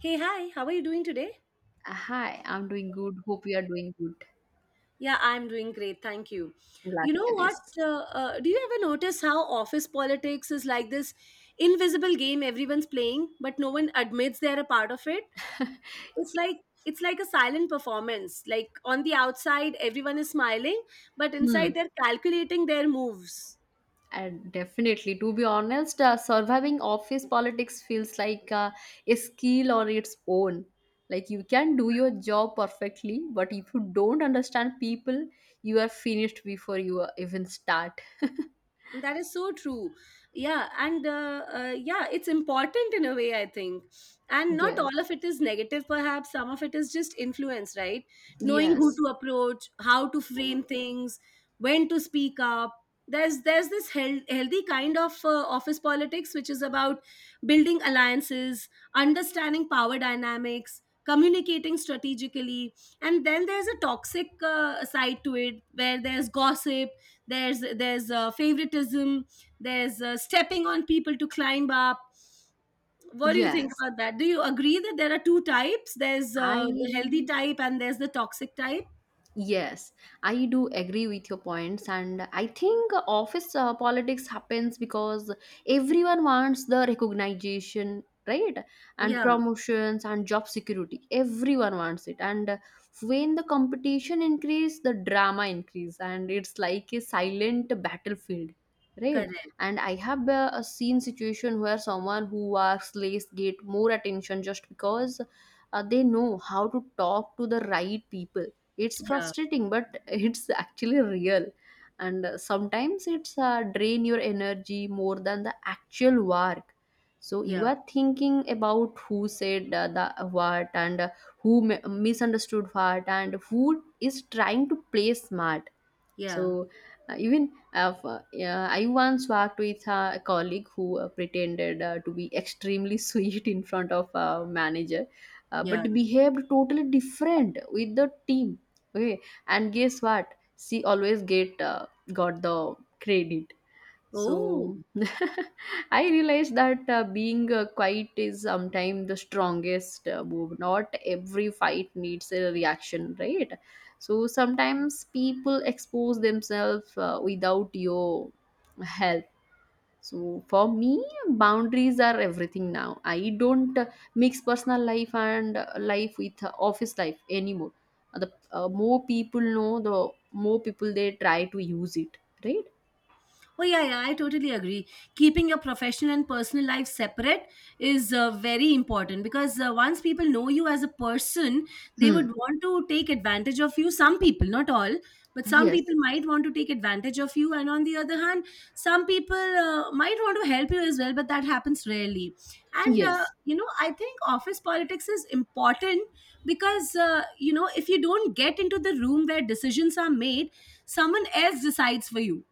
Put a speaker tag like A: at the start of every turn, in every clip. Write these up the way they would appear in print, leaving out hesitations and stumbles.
A: Hey, hi, how are you doing today?
B: Hi, I'm doing good. Hope you are doing good.
A: Yeah, I'm doing great. Thank you.
B: Glad
A: You
B: to
A: know
B: hear
A: what?
B: this.
A: Do you ever notice how office politics is like this invisible game everyone's playing, but no one admits they're a part of it? It's like it's like a silent performance. Like on the outside, everyone is smiling, but
B: Hmm.
A: inside they're calculating their moves.
B: And definitely, to be honest, surviving office politics feels like a skill on its own. Like you can do your job perfectly, but if you don't understand people, you are finished before you even start.
A: That is so true. Yeah, and it's important in a way, I think. And not
B: Yes.
A: all of it is negative, perhaps. Some of it is just influence, right? Knowing who
B: Yes.
A: to approach, how to frame things, when to speak up. There's this healthy kind of office politics, which is about building alliances, understanding power dynamics, communicating strategically. And then there's a toxic side to it where there's gossip, there's favoritism, there's stepping on people to climb up. What do you think
B: Yes.
A: about that? Do you agree that there are two types? There's the
B: I
A: healthy type and there's the toxic type.
B: Yes, I do agree with your points, and I think office politics happens because everyone wants the recognition, right? And
A: Yeah.
B: promotions and job security. Everyone wants it, and when the competition increase, the drama increase, and it's like a silent battlefield, right?
A: Correct.
B: And I have seen situation where someone who works less get more attention just because they know how to talk to the right people. It's
A: Yeah,
B: frustrating, but it's actually real. And sometimes it's drain your energy more than the actual work. So you
A: yeah,
B: are thinking about who said the what and who misunderstood what, and who is trying to play smart.
A: yeah,
B: So yeah, I once worked with a colleague who pretended to be extremely sweet in front of a manager,
A: yeah.
B: but behaved totally different with the team. Okay, and guess what? She always get got the credit.
A: Oh.
B: So, I realized that being quiet is sometimes the strongest move. Not every fight needs a reaction, right? So sometimes people expose themselves without your help. So for me, boundaries are everything now. I don't mix personal life and life with office life anymore. The more people know, the more people they try to use it, right?
A: Oh, yeah, yeah, I totally agree. Keeping your professional and personal life separate is very important, because once people know you as a person, they
B: Hmm.
A: would want to take advantage of you. Some people, not all, but some
B: Yes.
A: people might want to take advantage of you. And on the other hand, some people might want to help you as well, but that happens rarely. And,
B: Yes,
A: I think office politics is important, because, if you don't get into the room where decisions are made, someone else decides for you.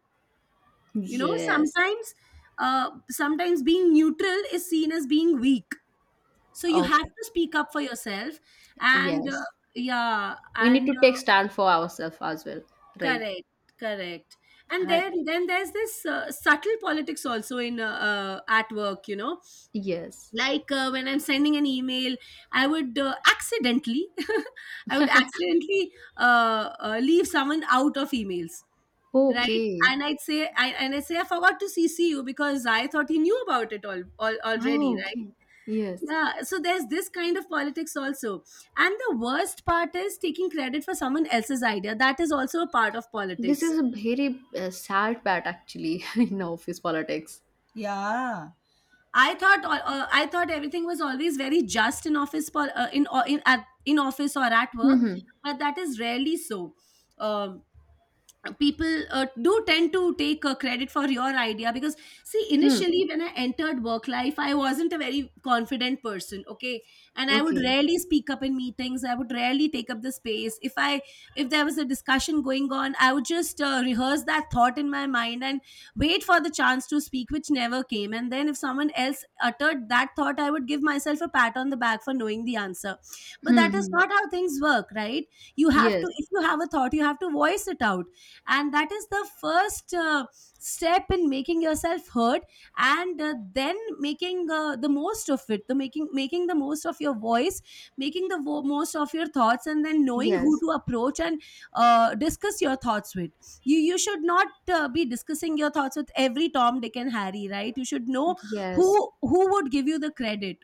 A: You know
B: yes,
A: Sometimes, sometimes being neutral is seen as being weak, so you
B: oh,
A: have to speak up for yourself. And
B: yes.
A: yeah
B: We need
A: and
B: to take stand for ourselves as well, right?
A: Correct. Correct. And
B: And
A: then there's this subtle politics also in at work,
B: yes,
A: like, when I'm sending an email, I would accidentally I would accidentally leave someone out of emails. Right.
B: okay,
A: And I'd say, I say, "I forgot to CC you because I thought he knew about it all already."
B: oh,
A: Right?
B: okay, yes.
A: Yeah, so there's this kind of politics also. And the worst part is taking credit for someone else's idea. That is also a part of
B: This
A: politics.
B: is a very sad part actually in office politics.
A: Yeah. I thought everything was always very just in office, for in o- in at, in office or at work,
B: Hmm.
A: but that is rarely so. Um People do tend to take credit for your idea because, see,
B: Hmm.
A: initially when I entered work life, I wasn't a very confident person. Okay? And I would
B: Okay.
A: rarely speak up in meetings. I would rarely take up the space. If there was a discussion going on, I would just rehearse that thought in my mind and wait for the chance to speak, which never came. And then if someone else uttered that thought, I would give myself a pat on the back for knowing the answer. But
B: Hmm.
A: that is
B: Hmm.
A: not how things work, right? you have
B: Yes.
A: to If you have a thought, you have to voice it out. And that is the first step in making yourself heard. And then making the most of it the making making the most of your voice, making the most of your thoughts, and then knowing who
B: Yes.
A: to approach and discuss your thoughts with. You should not be discussing your thoughts with every Tom, Dick, and Harry, right? You should know who
B: Yes.
A: who would give you the credit.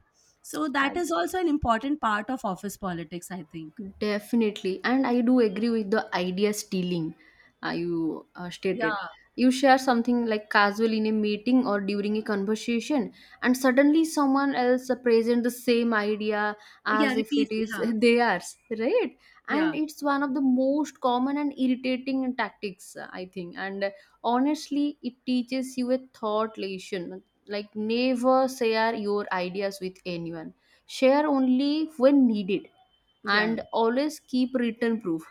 A: So
B: Uh,
A: that is also an important part of office politics, I think.
B: Definitely, and I do agree with the idea stealing you
A: Yeah,
B: stated. You share something like casual in a meeting or during a conversation, and suddenly someone else presents the same idea
A: yeah.
B: as if
A: Repeat.
B: it is
A: Yeah,
B: theirs, right?
A: yeah,
B: And it's one of the most common and irritating tactics, I think. And honestly, it teaches you a thought lesson, like, never share your ideas with anyone, share only when needed,
A: yeah.
B: and always keep written proof.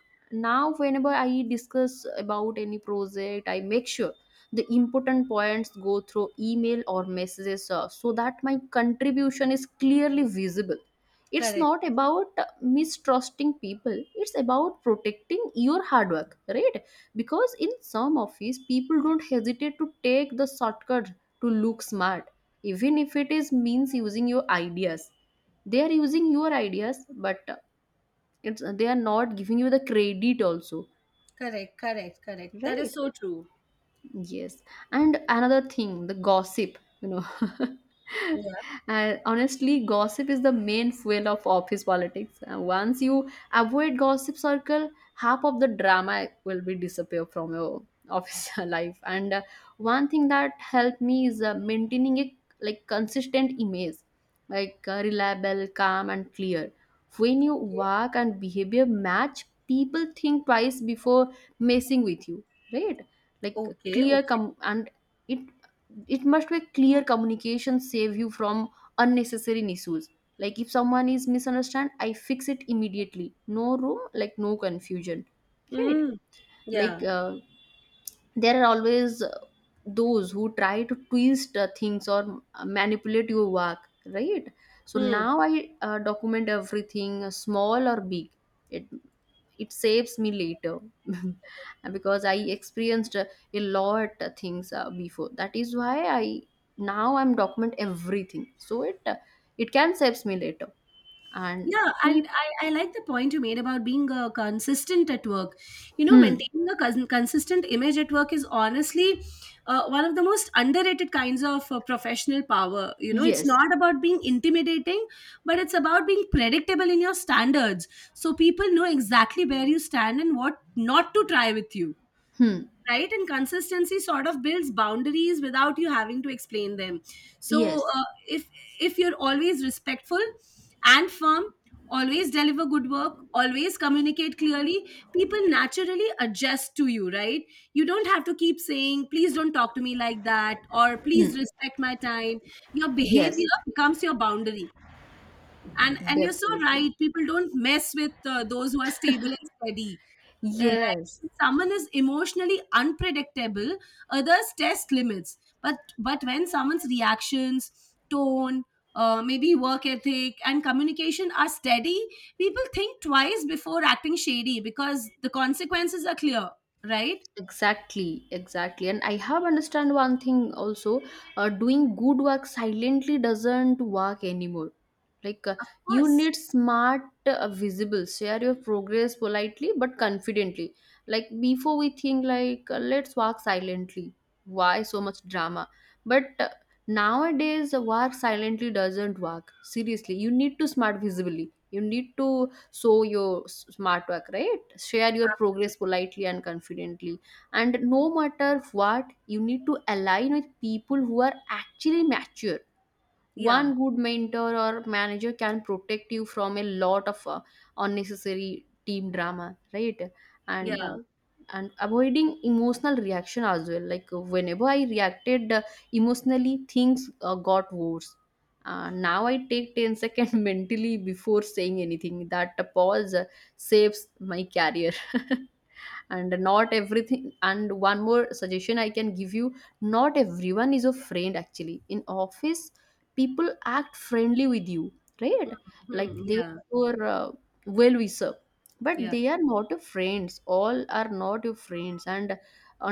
B: Now whenever I discuss about any project, I make sure the important points go through email or messages, so that my contribution is clearly visible. It's
A: Correct.
B: not about mistrusting people, it's about protecting your hard work, right? Because in some office, people don't hesitate to take the shortcut to look smart, even if it is means using your ideas. They are using your ideas, but it's they are not giving you the credit also,
A: Correct, correct, correct. That is
B: right?
A: so true.
B: Yes. And another thing, the gossip, you know.
A: Yeah.
B: And honestly, gossip is the main fuel of office politics. And once you avoid gossip circle, half of the drama will be disappear from your office life. And one thing that helped me is maintaining a like consistent image, like, reliable, calm, and clear. When your
A: Okay.
B: work and behavior match, people think twice before messing with you, right? like
A: Okay.
B: clear
A: Okay.
B: com- and it it must be clear communication save you from unnecessary issues. Like if someone is misunderstand, I fix it immediately. No room, like no confusion, right?
A: Mm. Yeah.
B: Like, there are always those who try to twist things or manipulate your work, right? So
A: Hmm.
B: now I document everything, small or big. It it saves me later, because I experienced a lot of things before. That is why I now I'm document everything, so it can saves me later. And
A: Yeah, and
B: peop-
A: I like the point you made about being consistent at work. You know,
B: hmm,
A: maintaining a consistent image at work is honestly one of the most underrated kinds of professional power. You know, it's
B: yes.
A: not about being intimidating, but it's about being predictable in your standards. So people know exactly where you stand and what not to try with you.
B: Hmm.
A: Right. And consistency sort of builds boundaries without you having to explain them. So
B: Yes.
A: uh, if if you're always respectful and firm, always deliver good work, always communicate clearly, people naturally adjust to you, right? You don't have to keep saying, "Please don't talk to me like that," or,
B: Hmm.
A: "Please respect my time." Your
B: Yes.
A: behavior becomes your boundary. And you're so
B: Definitely.
A: right. People don't mess with those who are stable and steady.
B: Yes.
A: Like, someone is emotionally unpredictable, others test limits. But when someone's reactions, tone, maybe work ethic and communication are steady, people think twice before acting shady, because the consequences are clear, right?
B: Exactly, exactly. And I have understand one thing also, doing good work silently doesn't work anymore. Like,
A: Of
B: you
A: course.
B: need smart, visible, share your progress politely but confidently. Like before we think like, let's work silently. Why so much drama? But nowadays, work silently doesn't work. Seriously, you need to smart visibly. You need to show your smart work, right? Share your progress politely and confidently, and no matter what, you need to align with people who are actually mature. One
A: Yeah.
B: good mentor or manager can protect you from a lot of unnecessary team drama, right? and uh,
A: Yeah.
B: and avoiding emotional reaction as well, like, whenever I reacted emotionally, things got worse. Now I take 10 seconds mentally before saying anything. That pause saves my career. And not everything, and one more suggestion I can give you: not everyone is a friend actually in office. People act friendly with you, right? Like,
A: Hmm.
B: they
A: Yeah.
B: are well wisher, but
A: Yeah.
B: they are not your friends. All are not your friends, and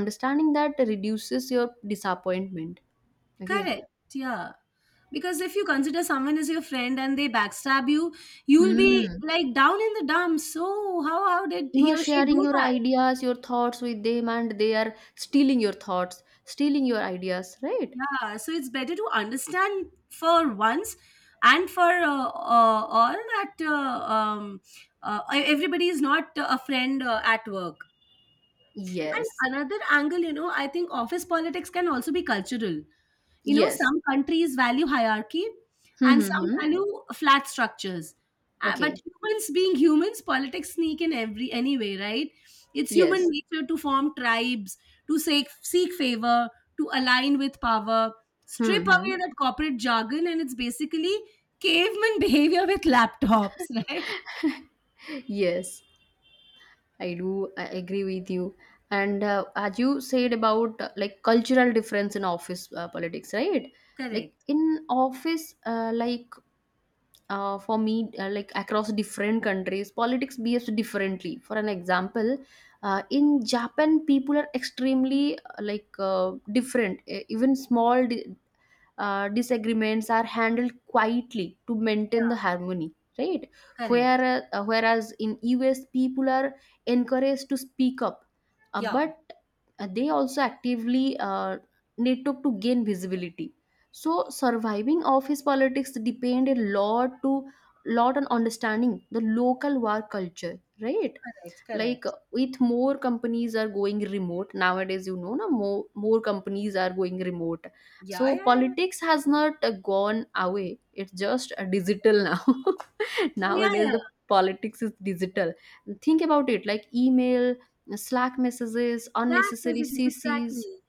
B: understanding that reduces your disappointment. Okay.
A: Correct. Yeah. Because if you consider someone as your friend and they backstab you, you'll be
B: Hmm.
A: like down in the dumps. So how did
B: You
A: he
B: are
A: or she
B: sharing
A: do
B: your
A: that?
B: ideas, your thoughts with them, and they are stealing your thoughts, stealing your ideas, right?
A: Yeah, so it's better to understand for once and for all that, um, everybody is not a friend at work.
B: Yes,
A: And another angle, you know, I think office politics can also be cultural. You know,
B: yes.
A: some countries value hierarchy and some
B: Mm-hmm.
A: value flat structures. But
B: Okay.
A: humans being humans, politics sneak in every anyway, right? It's human
B: Yes.
A: nature to form tribes, to seek favor, to align with power. Strip away
B: Mm-hmm.
A: that corporate jargon, and it's basically caveman behavior with laptops, right?
B: Yes, I do. I agree with you. And as you said about like cultural difference in office politics, right? Like
A: Correct,
B: in office, like, for me, like, across different countries, politics behaves differently. For an example, in Japan, people are extremely like different. Even small di disagreements are handled quietly to maintain the harmony, right?
A: correct.
B: Whereas in us people are encouraged to speak up,
A: Yeah,
B: but they also actively network to gain visibility. So surviving office politics depend a lot on understanding the local work culture, right?
A: correct,
B: Like,
A: correct.
B: with more companies are going remote nowadays, na more more companies are going remote.
A: Yeah,
B: So
A: yeah, yeah.
B: politics has not gone away. It's just digital now.
A: Oh, yeah,
B: Nowadays,
A: yeah.
B: the politics is digital. Think about it, like email, Slack messages,
A: Slack
B: unnecessary
A: messages,
B: CCs,
A: exactly.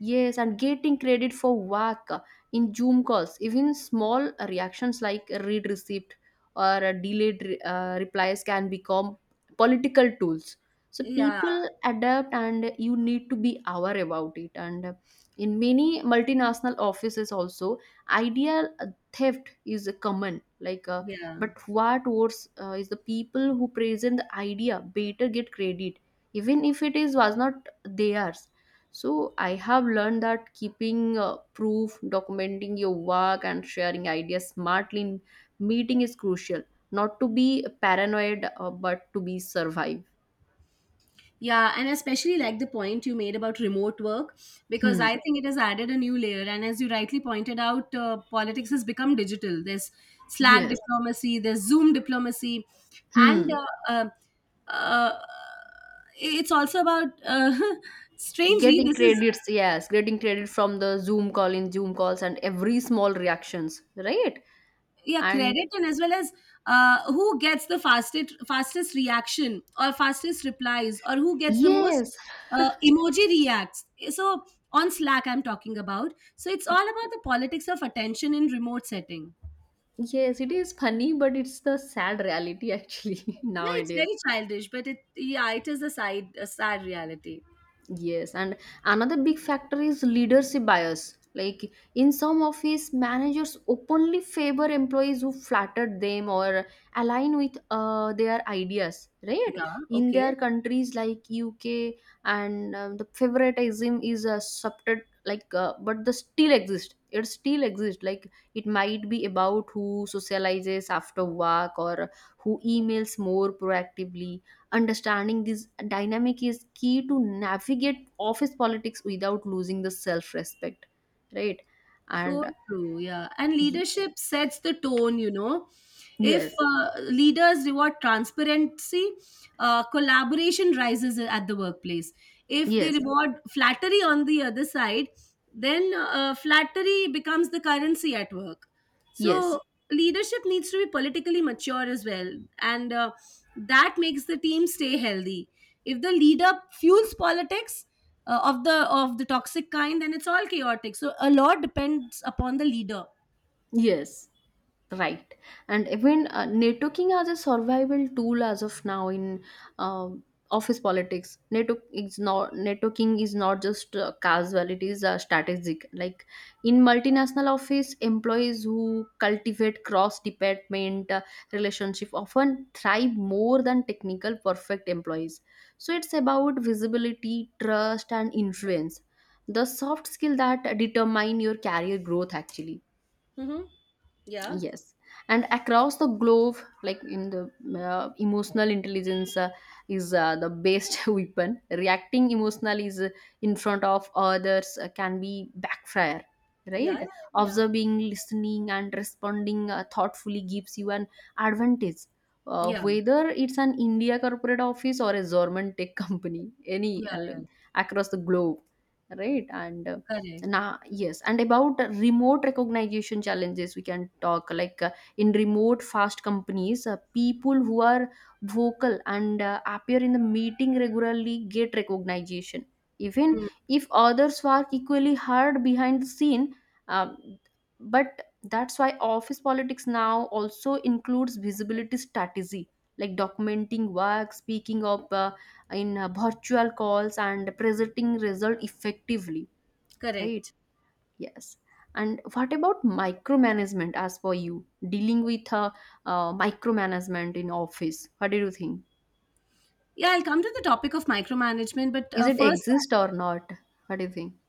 B: yes, and getting credit for work in Zoom calls. Even small reactions like read receipt or a delayed replies can become political tools. So
A: Yeah,
B: people adapt, and you need to be aware about it. And in many multinational offices, also idea theft is common. Like, but
A: yeah.
B: what worse is the people who present the idea better get credit, even if it is was not theirs. So I have learned that keeping proof, documenting your work, and sharing ideas smartly in meeting is crucial. Not to be paranoid, but to be survive.
A: Yeah, and especially like the point you made about remote work, because
B: Hmm.
A: I think it has added a new layer. And as you rightly pointed out, politics has become digital. There's Slack
B: Yes.
A: diplomacy, there's Zoom diplomacy, and
B: Hmm.
A: uh, it's also about, strangely,
B: Getting
A: this is
B: credits, yes, getting credit from the Zoom call in Zoom calls and every small reactions, right?
A: yeah,
B: And
A: credit, and as well as, who gets the fastest reaction or fastest replies, or who gets the most
B: yes,
A: emoji reacts. So on Slack I'm talking about. So it's all about the politics of attention in remote setting.
B: yes, it is funny, but it's the sad reality actually
A: Yeah, it's
B: nowadays.
A: very childish, but it is a side a sad reality.
B: Yes, and another big factor is leadership bias. Like in some office, managers openly favor employees who flattered them or align with their ideas, right?
A: Yeah.
B: In
A: Okay.
B: their countries like UK, and the favoritism is a subtle, but the still exist. It still exists. Like, it might be about who socializes after work or who emails more proactively. Understanding this dynamic is key to navigate office politics without losing the self respect, right?
A: So
B: And
A: true, yeah. And
B: y-
A: leadership sets the tone, you know. If
B: yes,
A: leaders reward transparency, collaboration rises at the workplace. If they
B: yes,
A: reward flattery on the other side, then flattery becomes the currency at work.
B: yes,
A: So leadership needs to be politically mature as well. And that makes the team stay healthy. If the leader fuels politics, of the toxic kind, then it's all chaotic. So a lot depends upon the leader.
B: yes. Right, and even, networking as a survival tool as of now in, um office politics, networking is not just casual, it is strategic. Like in multinational office, employees who cultivate cross department relationship often thrive more than technical perfect employees. So it's about visibility, trust, and influence, the soft skill that determine your career growth actually.
A: Mm-hmm. Yeah.
B: Yes, and across the globe, like in the, emotional intelligence is the best weapon. Reacting emotionally is, in front of others, can be backfire,
A: Yeah.
B: right?
A: Yeah.
B: Observing, listening, and responding thoughtfully gives you an advantage.
A: Yeah,
B: Whether it's an India corporate office or a German tech company,
A: yeah,
B: any
A: yeah.
B: across the globe, right? And
A: Correct.
B: now, yes, and about remote recognition challenges, we can talk like, in remote fast companies, people who are vocal and appear in the meeting regularly get recognition. Even
A: Mm,
B: if others work equally hard behind the scene, um, but that's why office politics now also includes visibility strategy, like documenting work, speaking up in virtual calls, and presenting result effectively, right?
A: correct.
B: Yes. And what about micromanagement as for you? Dealing with micromanagement in office. What do you think?
A: Yeah, I'll come to the topic of micromanagement, but
B: Is it
A: first,
B: exist or not? What do you think?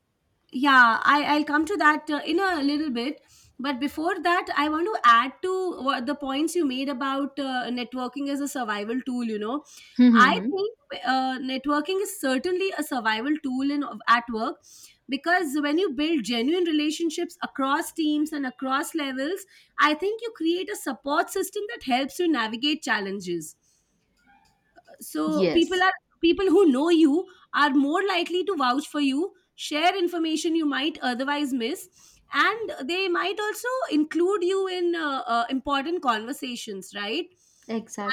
A: yeah, I'll come to that in a little bit. But before that, I want to add to what the points you made about networking as a survival tool, you know. I
B: Mm-hmm.
A: think networking is certainly a survival tool in at work. Because when you build genuine relationships across teams and across levels, I think you create a support system that helps you navigate challenges. So
B: Yes.
A: people who know you are more likely to vouch for you, share information you might otherwise miss, and they might also include you in important conversations, right?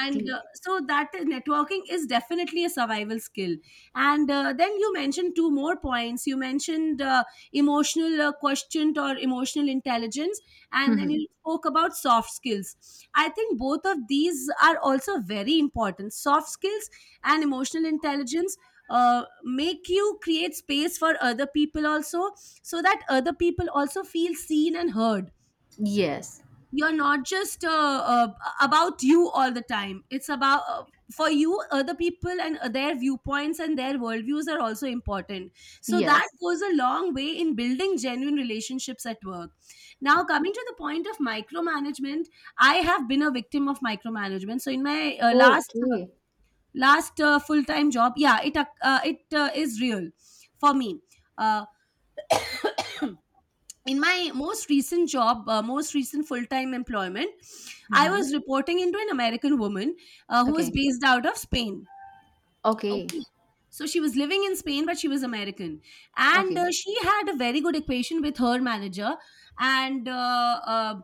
A: And so that networking is definitely a survival skill. And then you mentioned two more points. You mentioned emotional quotient or emotional intelligence, and then
B: Mm-hmm.
A: you spoke about soft skills. I think both of these are also very important soft skills. And emotional intelligence make you create space for other people also, so that other people also feel seen and heard.
B: Yes.
A: You're not just about you all the time. It's about, for you other people, and their viewpoints and their worldviews are also important. So that
B: Yes.
A: goes a long way in building genuine relationships at work. Now coming to the point of micromanagement, I have been a victim of micromanagement. So in my
B: Okay.
A: last full time job, yeah, it is real for me. Uh, in my most recent job, most recent full time employment, I
B: Mm-hmm.
A: was reporting into an American woman who was
B: Okay.
A: based out of Spain.
B: Okay.
A: Okay. So she was living in Spain, but she was American. And
B: Okay.
A: she had a very good equation with her manager. And uh, uh,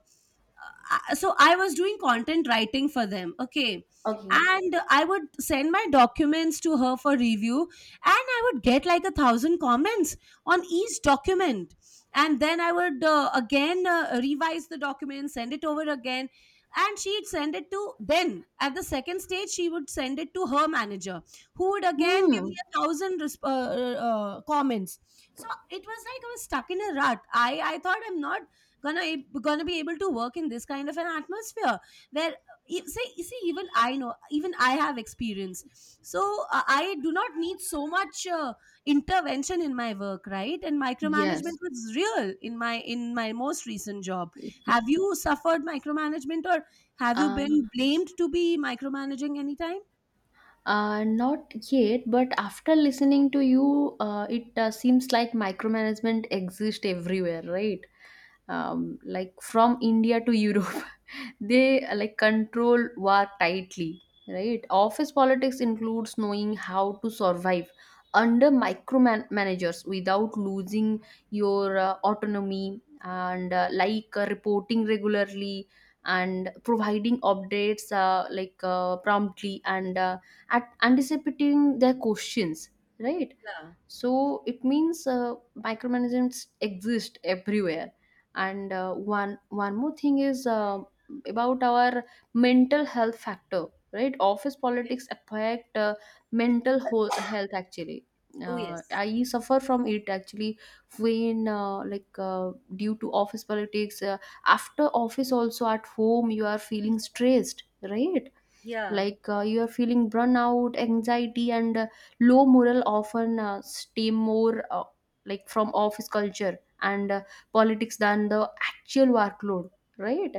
A: I- so I was doing content writing for them. Okay.
B: Okay.
A: And I would send my documents to her for review, and I would get like 1,000 comments on each document. And then I would again revise the document, send it over again. And she'd send it to then at the second stage, she would send it to her manager who would again give me
B: Hmm.
A: a thousand comments. So it was like I was stuck in a rut. I thought I'm not gonna be able to work in this kind of an atmosphere where e- say see even I know, even I have experience. So I do not need so much intervention in my work, right? And
B: Yes.
A: micromanagement was real in my most recent job. Have you suffered micromanagement, or have you
B: Uh,
A: been blamed to be micromanaging anytime?
B: Not yet, but after listening to you, it seems like micromanagement exists everywhere, right? Like from India to Europe. They like control war tightly, right? Office politics includes knowing how to survive under micromanagers without losing your autonomy and reporting regularly and providing updates promptly and at anticipating their questions, right?
A: Yeah.
B: So it means micromanagement exist everywhere, and uh, one more thing is about our mental health factor, right? Office
A: Okay.
B: politics affect mental whole health actually.
A: Oh yes.
B: I suffer from it actually, when due to office politics, after office also at home you are feeling stressed, right?
A: Yeah.
B: Like you are feeling burnout, anxiety, and low morale often stem more, from office culture and politics than the actual workload, right?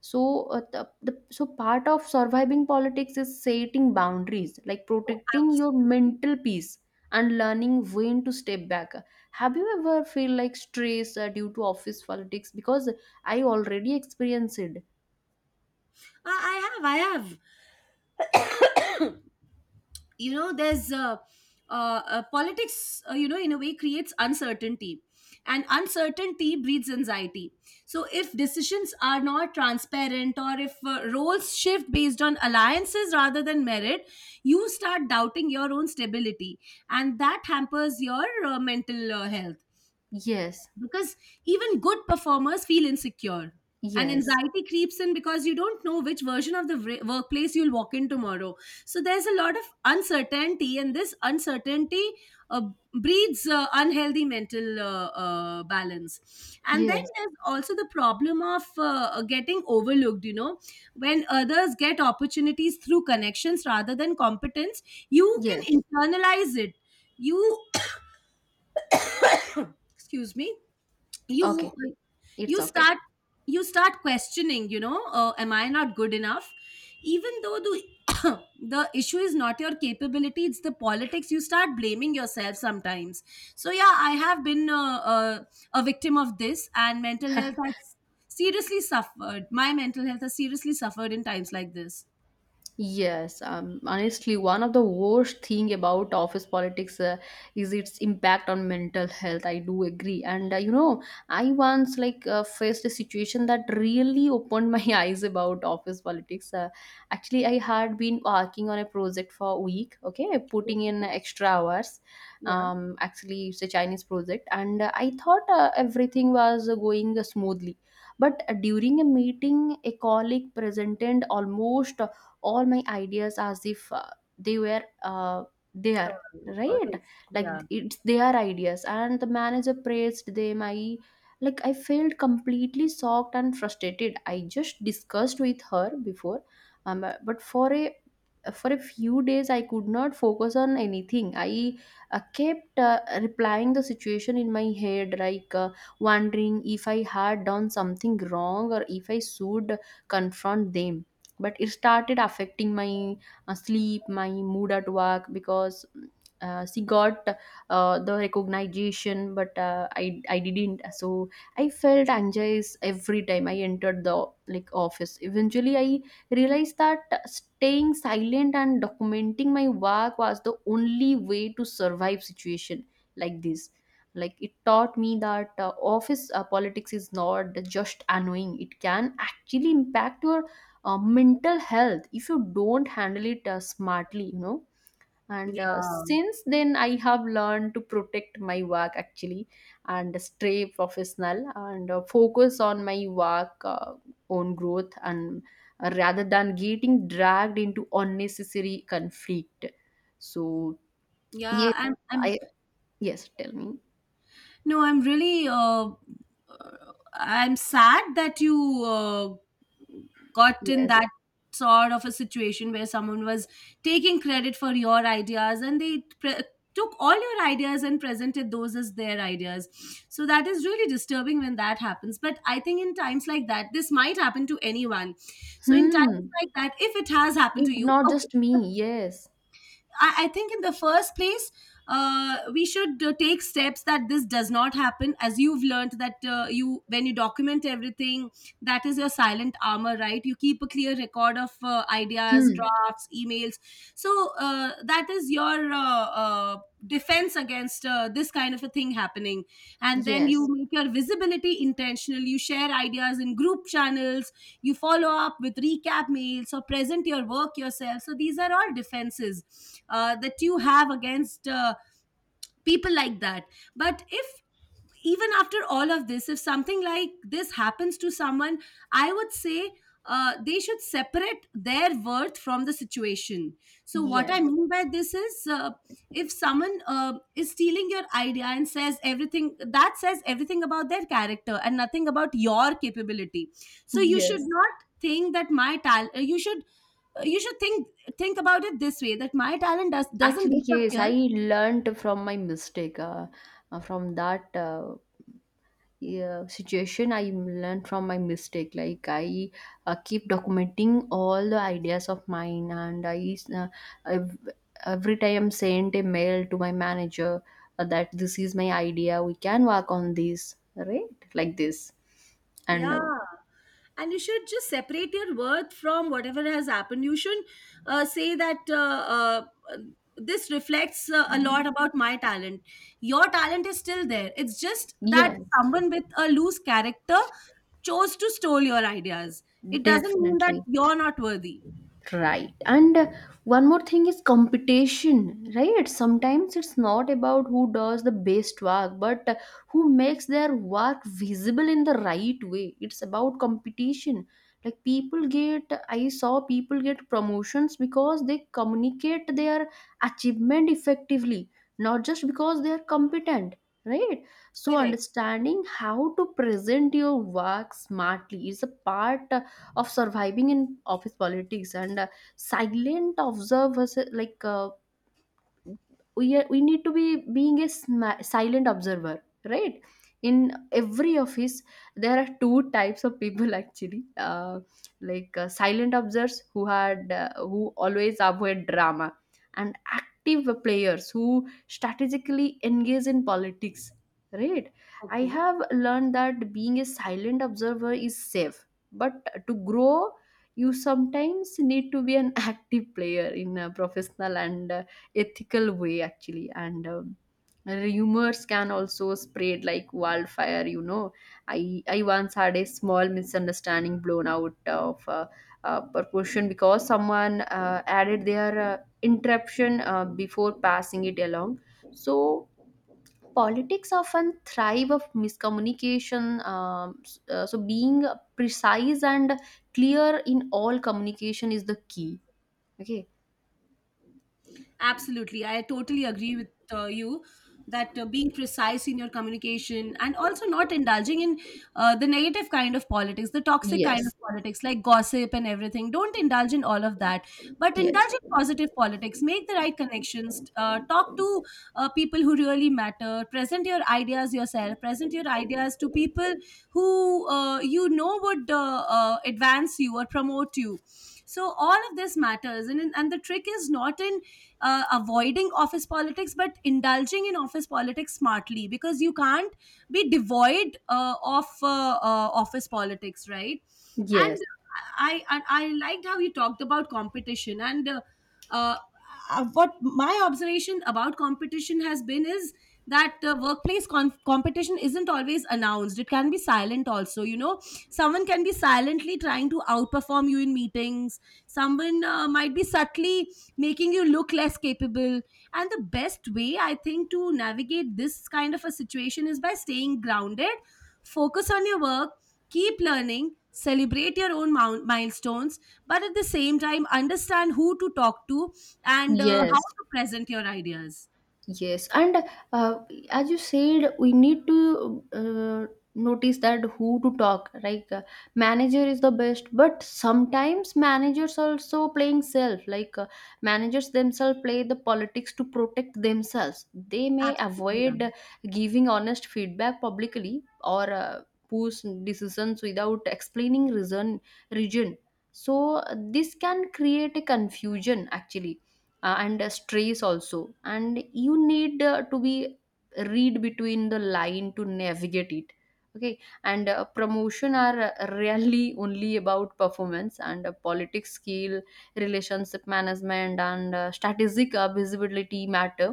B: So the so part of surviving politics is setting boundaries, like
A: Oh,
B: protecting your
A: absolutely.
B: mental peace and learning when to step back. Have you ever feel like stress due to office politics, because I already experienced it?
A: I have, I have. You know, there's politics, you know, in a way creates uncertainty. And uncertainty breeds anxiety. So, if decisions are not transparent, or if roles shift based on alliances rather than merit, you start doubting your own stability. And that hampers your mental health.
B: Yes,
A: Because even good performers feel insecure, and
B: yes,
A: anxiety creeps in because you don't know which version of the workplace you'll walk in tomorrow. So there's a lot of uncertainty, and this uncertainty uh, breeds unhealthy mental balance. And then
B: yes.
A: there's also the problem of getting overlooked, you know, when others get opportunities through connections rather than competence, you can
B: Yes.
A: internalize it. You excuse me. you
B: Okay. It's
A: you
B: okay.
A: start you start questioning, you know, am I not good enough? Even though the the issue is not your capability, it's the politics. You start blaming yourself sometimes. So yeah, I have been a victim of this, and mental health has seriously suffered. My mental health has seriously suffered in times like this.
B: Yes, honestly, one of the worst thing about office politics is its impact on mental health. I do agree, and you know, I once faced a situation that really opened my eyes about office politics. Actually, I had been working on a project for a week. Okay, putting in extra hours.
A: Yeah.
B: Actually, it's a Chinese project, and I thought everything was going smoothly. But during a meeting, a colleague presented almost all my ideas as if they were
A: Her
B: there,
A: or
B: right?
A: his. Yeah.
B: Like it's their ideas, and the manager praised them. I like I felt completely shocked and frustrated. I just discussed with her before. But for a few days I could not focus on anything. I kept replying the situation in my head, like wondering if I had done something wrong or if I should confront them. But it started affecting my sleep, my mood at work, because she got the recognition, but uh, I didn't. So I felt anxious every time I entered the like office. Eventually I realized that staying silent and documenting my work was the only way to survive situation like this. Like it taught me that office politics is not just annoying, it can actually impact your mental health if you don't handle it smartly, you know. And
A: Yeah.
B: since then I have learned to protect my work actually, and stay professional and focus on my work, own growth, and rather than getting dragged into unnecessary conflict. So yes,
A: Yeah, and I'm
B: I, yes, tell me.
A: no, I'm really. Uh, I'm sad that you got in
B: Yes.
A: that sort of a situation where someone was taking credit for your ideas, and took all your ideas and presented those as their ideas. So that is really disturbing when that happens. But I think in times like that, this might happen to anyone. So in times
B: Hmm.
A: like that, if it has happened
B: It
A: to you,
B: not
A: okay.
B: just
A: the
B: me. Yes.
A: I think in the first place, we should take steps that this does not happen. As you've learned that when you document everything, that is your silent armor, right? You keep a clear record of ideas,
B: Hmm.
A: drafts, emails. So that is your defense against this kind of a thing happening. And then you
B: Yes,
A: make your visibility intentional. You share ideas in group channels, you follow up with recap mails or present your work yourself. So these are all defenses that you have against people like that. But if, even after all of this, if something like this happens to someone, I would say they should separate their worth from the situation. So, what I
B: yes,
A: mean by this is if someone is stealing your idea and says everything, that says everything about their character and nothing about your capability. So, you should
B: yes.
A: not think that my talent you should think about it this way, that my talent doesn't
B: Actually, yes, I
A: disappear.
B: learned from my mistake. From that yeah, situation, I learned from my mistake. Like I keep documenting all the ideas of mine, and I ev- every time send a mail to my manager that this is my idea. We can work on this, right? Like this, and
A: Yeah. And you should just separate your worth from whatever has happened. You shouldn't say that uh, this reflects a lot about my talent. Your talent is still there. It's just that
B: yes,
A: someone with a loose character chose to steal your ideas. It doesn't mean that
B: definitely.
A: you're not worthy.
B: Right. And one more thing is competition, right? Sometimes it's not about who does the best work, but who makes their work visible in the right way. It's about competition. Like people get, I saw people get promotions because they communicate their achievement effectively, not just because they are competent, right? So
A: Correct.
B: understanding how to present your work smartly is a part of surviving in office politics. And silent observers, like we are, we need to be being a silent observer, right? In every office there are two types of people actually, silent observers who had who always avoid drama, and active players who strategically engage in politics, right? I
A: Okay.
B: have learned that being a silent observer is safe, but to grow you sometimes need to be an active player in a professional and ethical way actually. And rumors can also spread like wildfire, you know. I once had a small misunderstanding blown out of proportion because someone added their interruption before passing it along. So politics often thrive of miscommunication, so being precise and clear in all communication is the key. Okay.
A: Absolutely. I totally agree with you that being precise in your communication, and also not indulging in the negative kind of politics, the toxic kind of
B: Yes,
A: politics like gossip and everything. Don't indulge in all of that, but
B: yes,
A: indulge in positive politics. Make the right connections. Talk to people who really matter. Present your ideas yourself. Present your ideas to people who you know would advance you or promote you. So all of this matters, and the trick is not in avoiding office politics but indulging in office politics smartly, because you can't be devoid of office politics, right? And
B: yes.
A: I liked how you talked about competition, and uh, what my observation about competition has been is that workplace competition isn't always announced, it can be silent also, you know. Someone can be silently trying to outperform you in meetings. Someone might be subtly making you look less capable. And the best way I think to navigate this kind of a situation is by staying grounded, focus on your work, keep learning, celebrate your own milestones, but at the same time, understand who to talk to and how
B: Yes,
A: to present your ideas.
B: yes. And uh, as you said, we need to notice that who to talk. Like manager is the best, but sometimes managers also playing self. Like managers themselves play the politics to protect themselves. They may
A: Absolutely. Yeah.
B: avoid giving honest feedback publicly, or push decisions without explaining reason region. So this can create a confusion actually, and stress also, and you need to be read between the line to navigate it. Okay. And promotion are really only about performance and politics skill. Relationship management and strategic visibility matter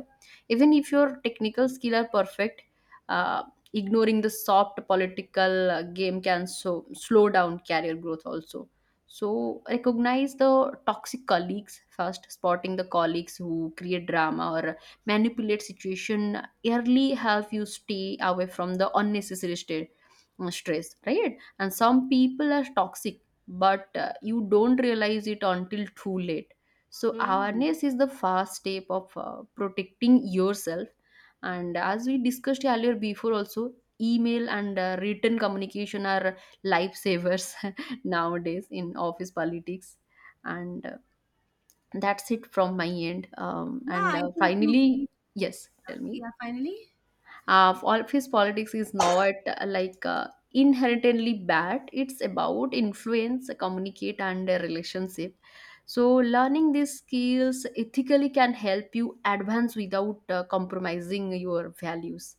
B: even if your technical skill are perfect. uh, Ignoring the soft political game can so slow down career growth also. So recognize the toxic colleagues first. Spotting the colleagues who create drama or manipulate situation early help you stay away from the unnecessary stress, right? And some people are toxic, but you don't realize it until too late. So
A: Hmm.
B: awareness is the first step of protecting yourself. And as we discussed earlier before, also email and written communication are lifesavers nowadays in office politics. And that's it from my end.
A: Yeah,
B: And
A: I think you
B: finally,
A: made,
B: yes, tell me.
A: yeah, finally.
B: Office politics is not inherently bad. It's about influence, communicate, and relationship. So learning these skills ethically can help you advance without compromising your values.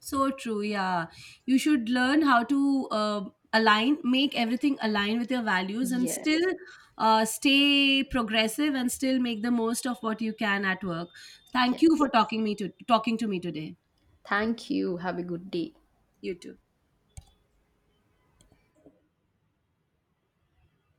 A: So true. Yeah. You should learn how to align, make everything align with your values and still
B: Yes,
A: stay progressive and still make the most of what you can at work. Thank you
B: yes,
A: for talking to me today.
B: thank you, have a good day.
A: You too.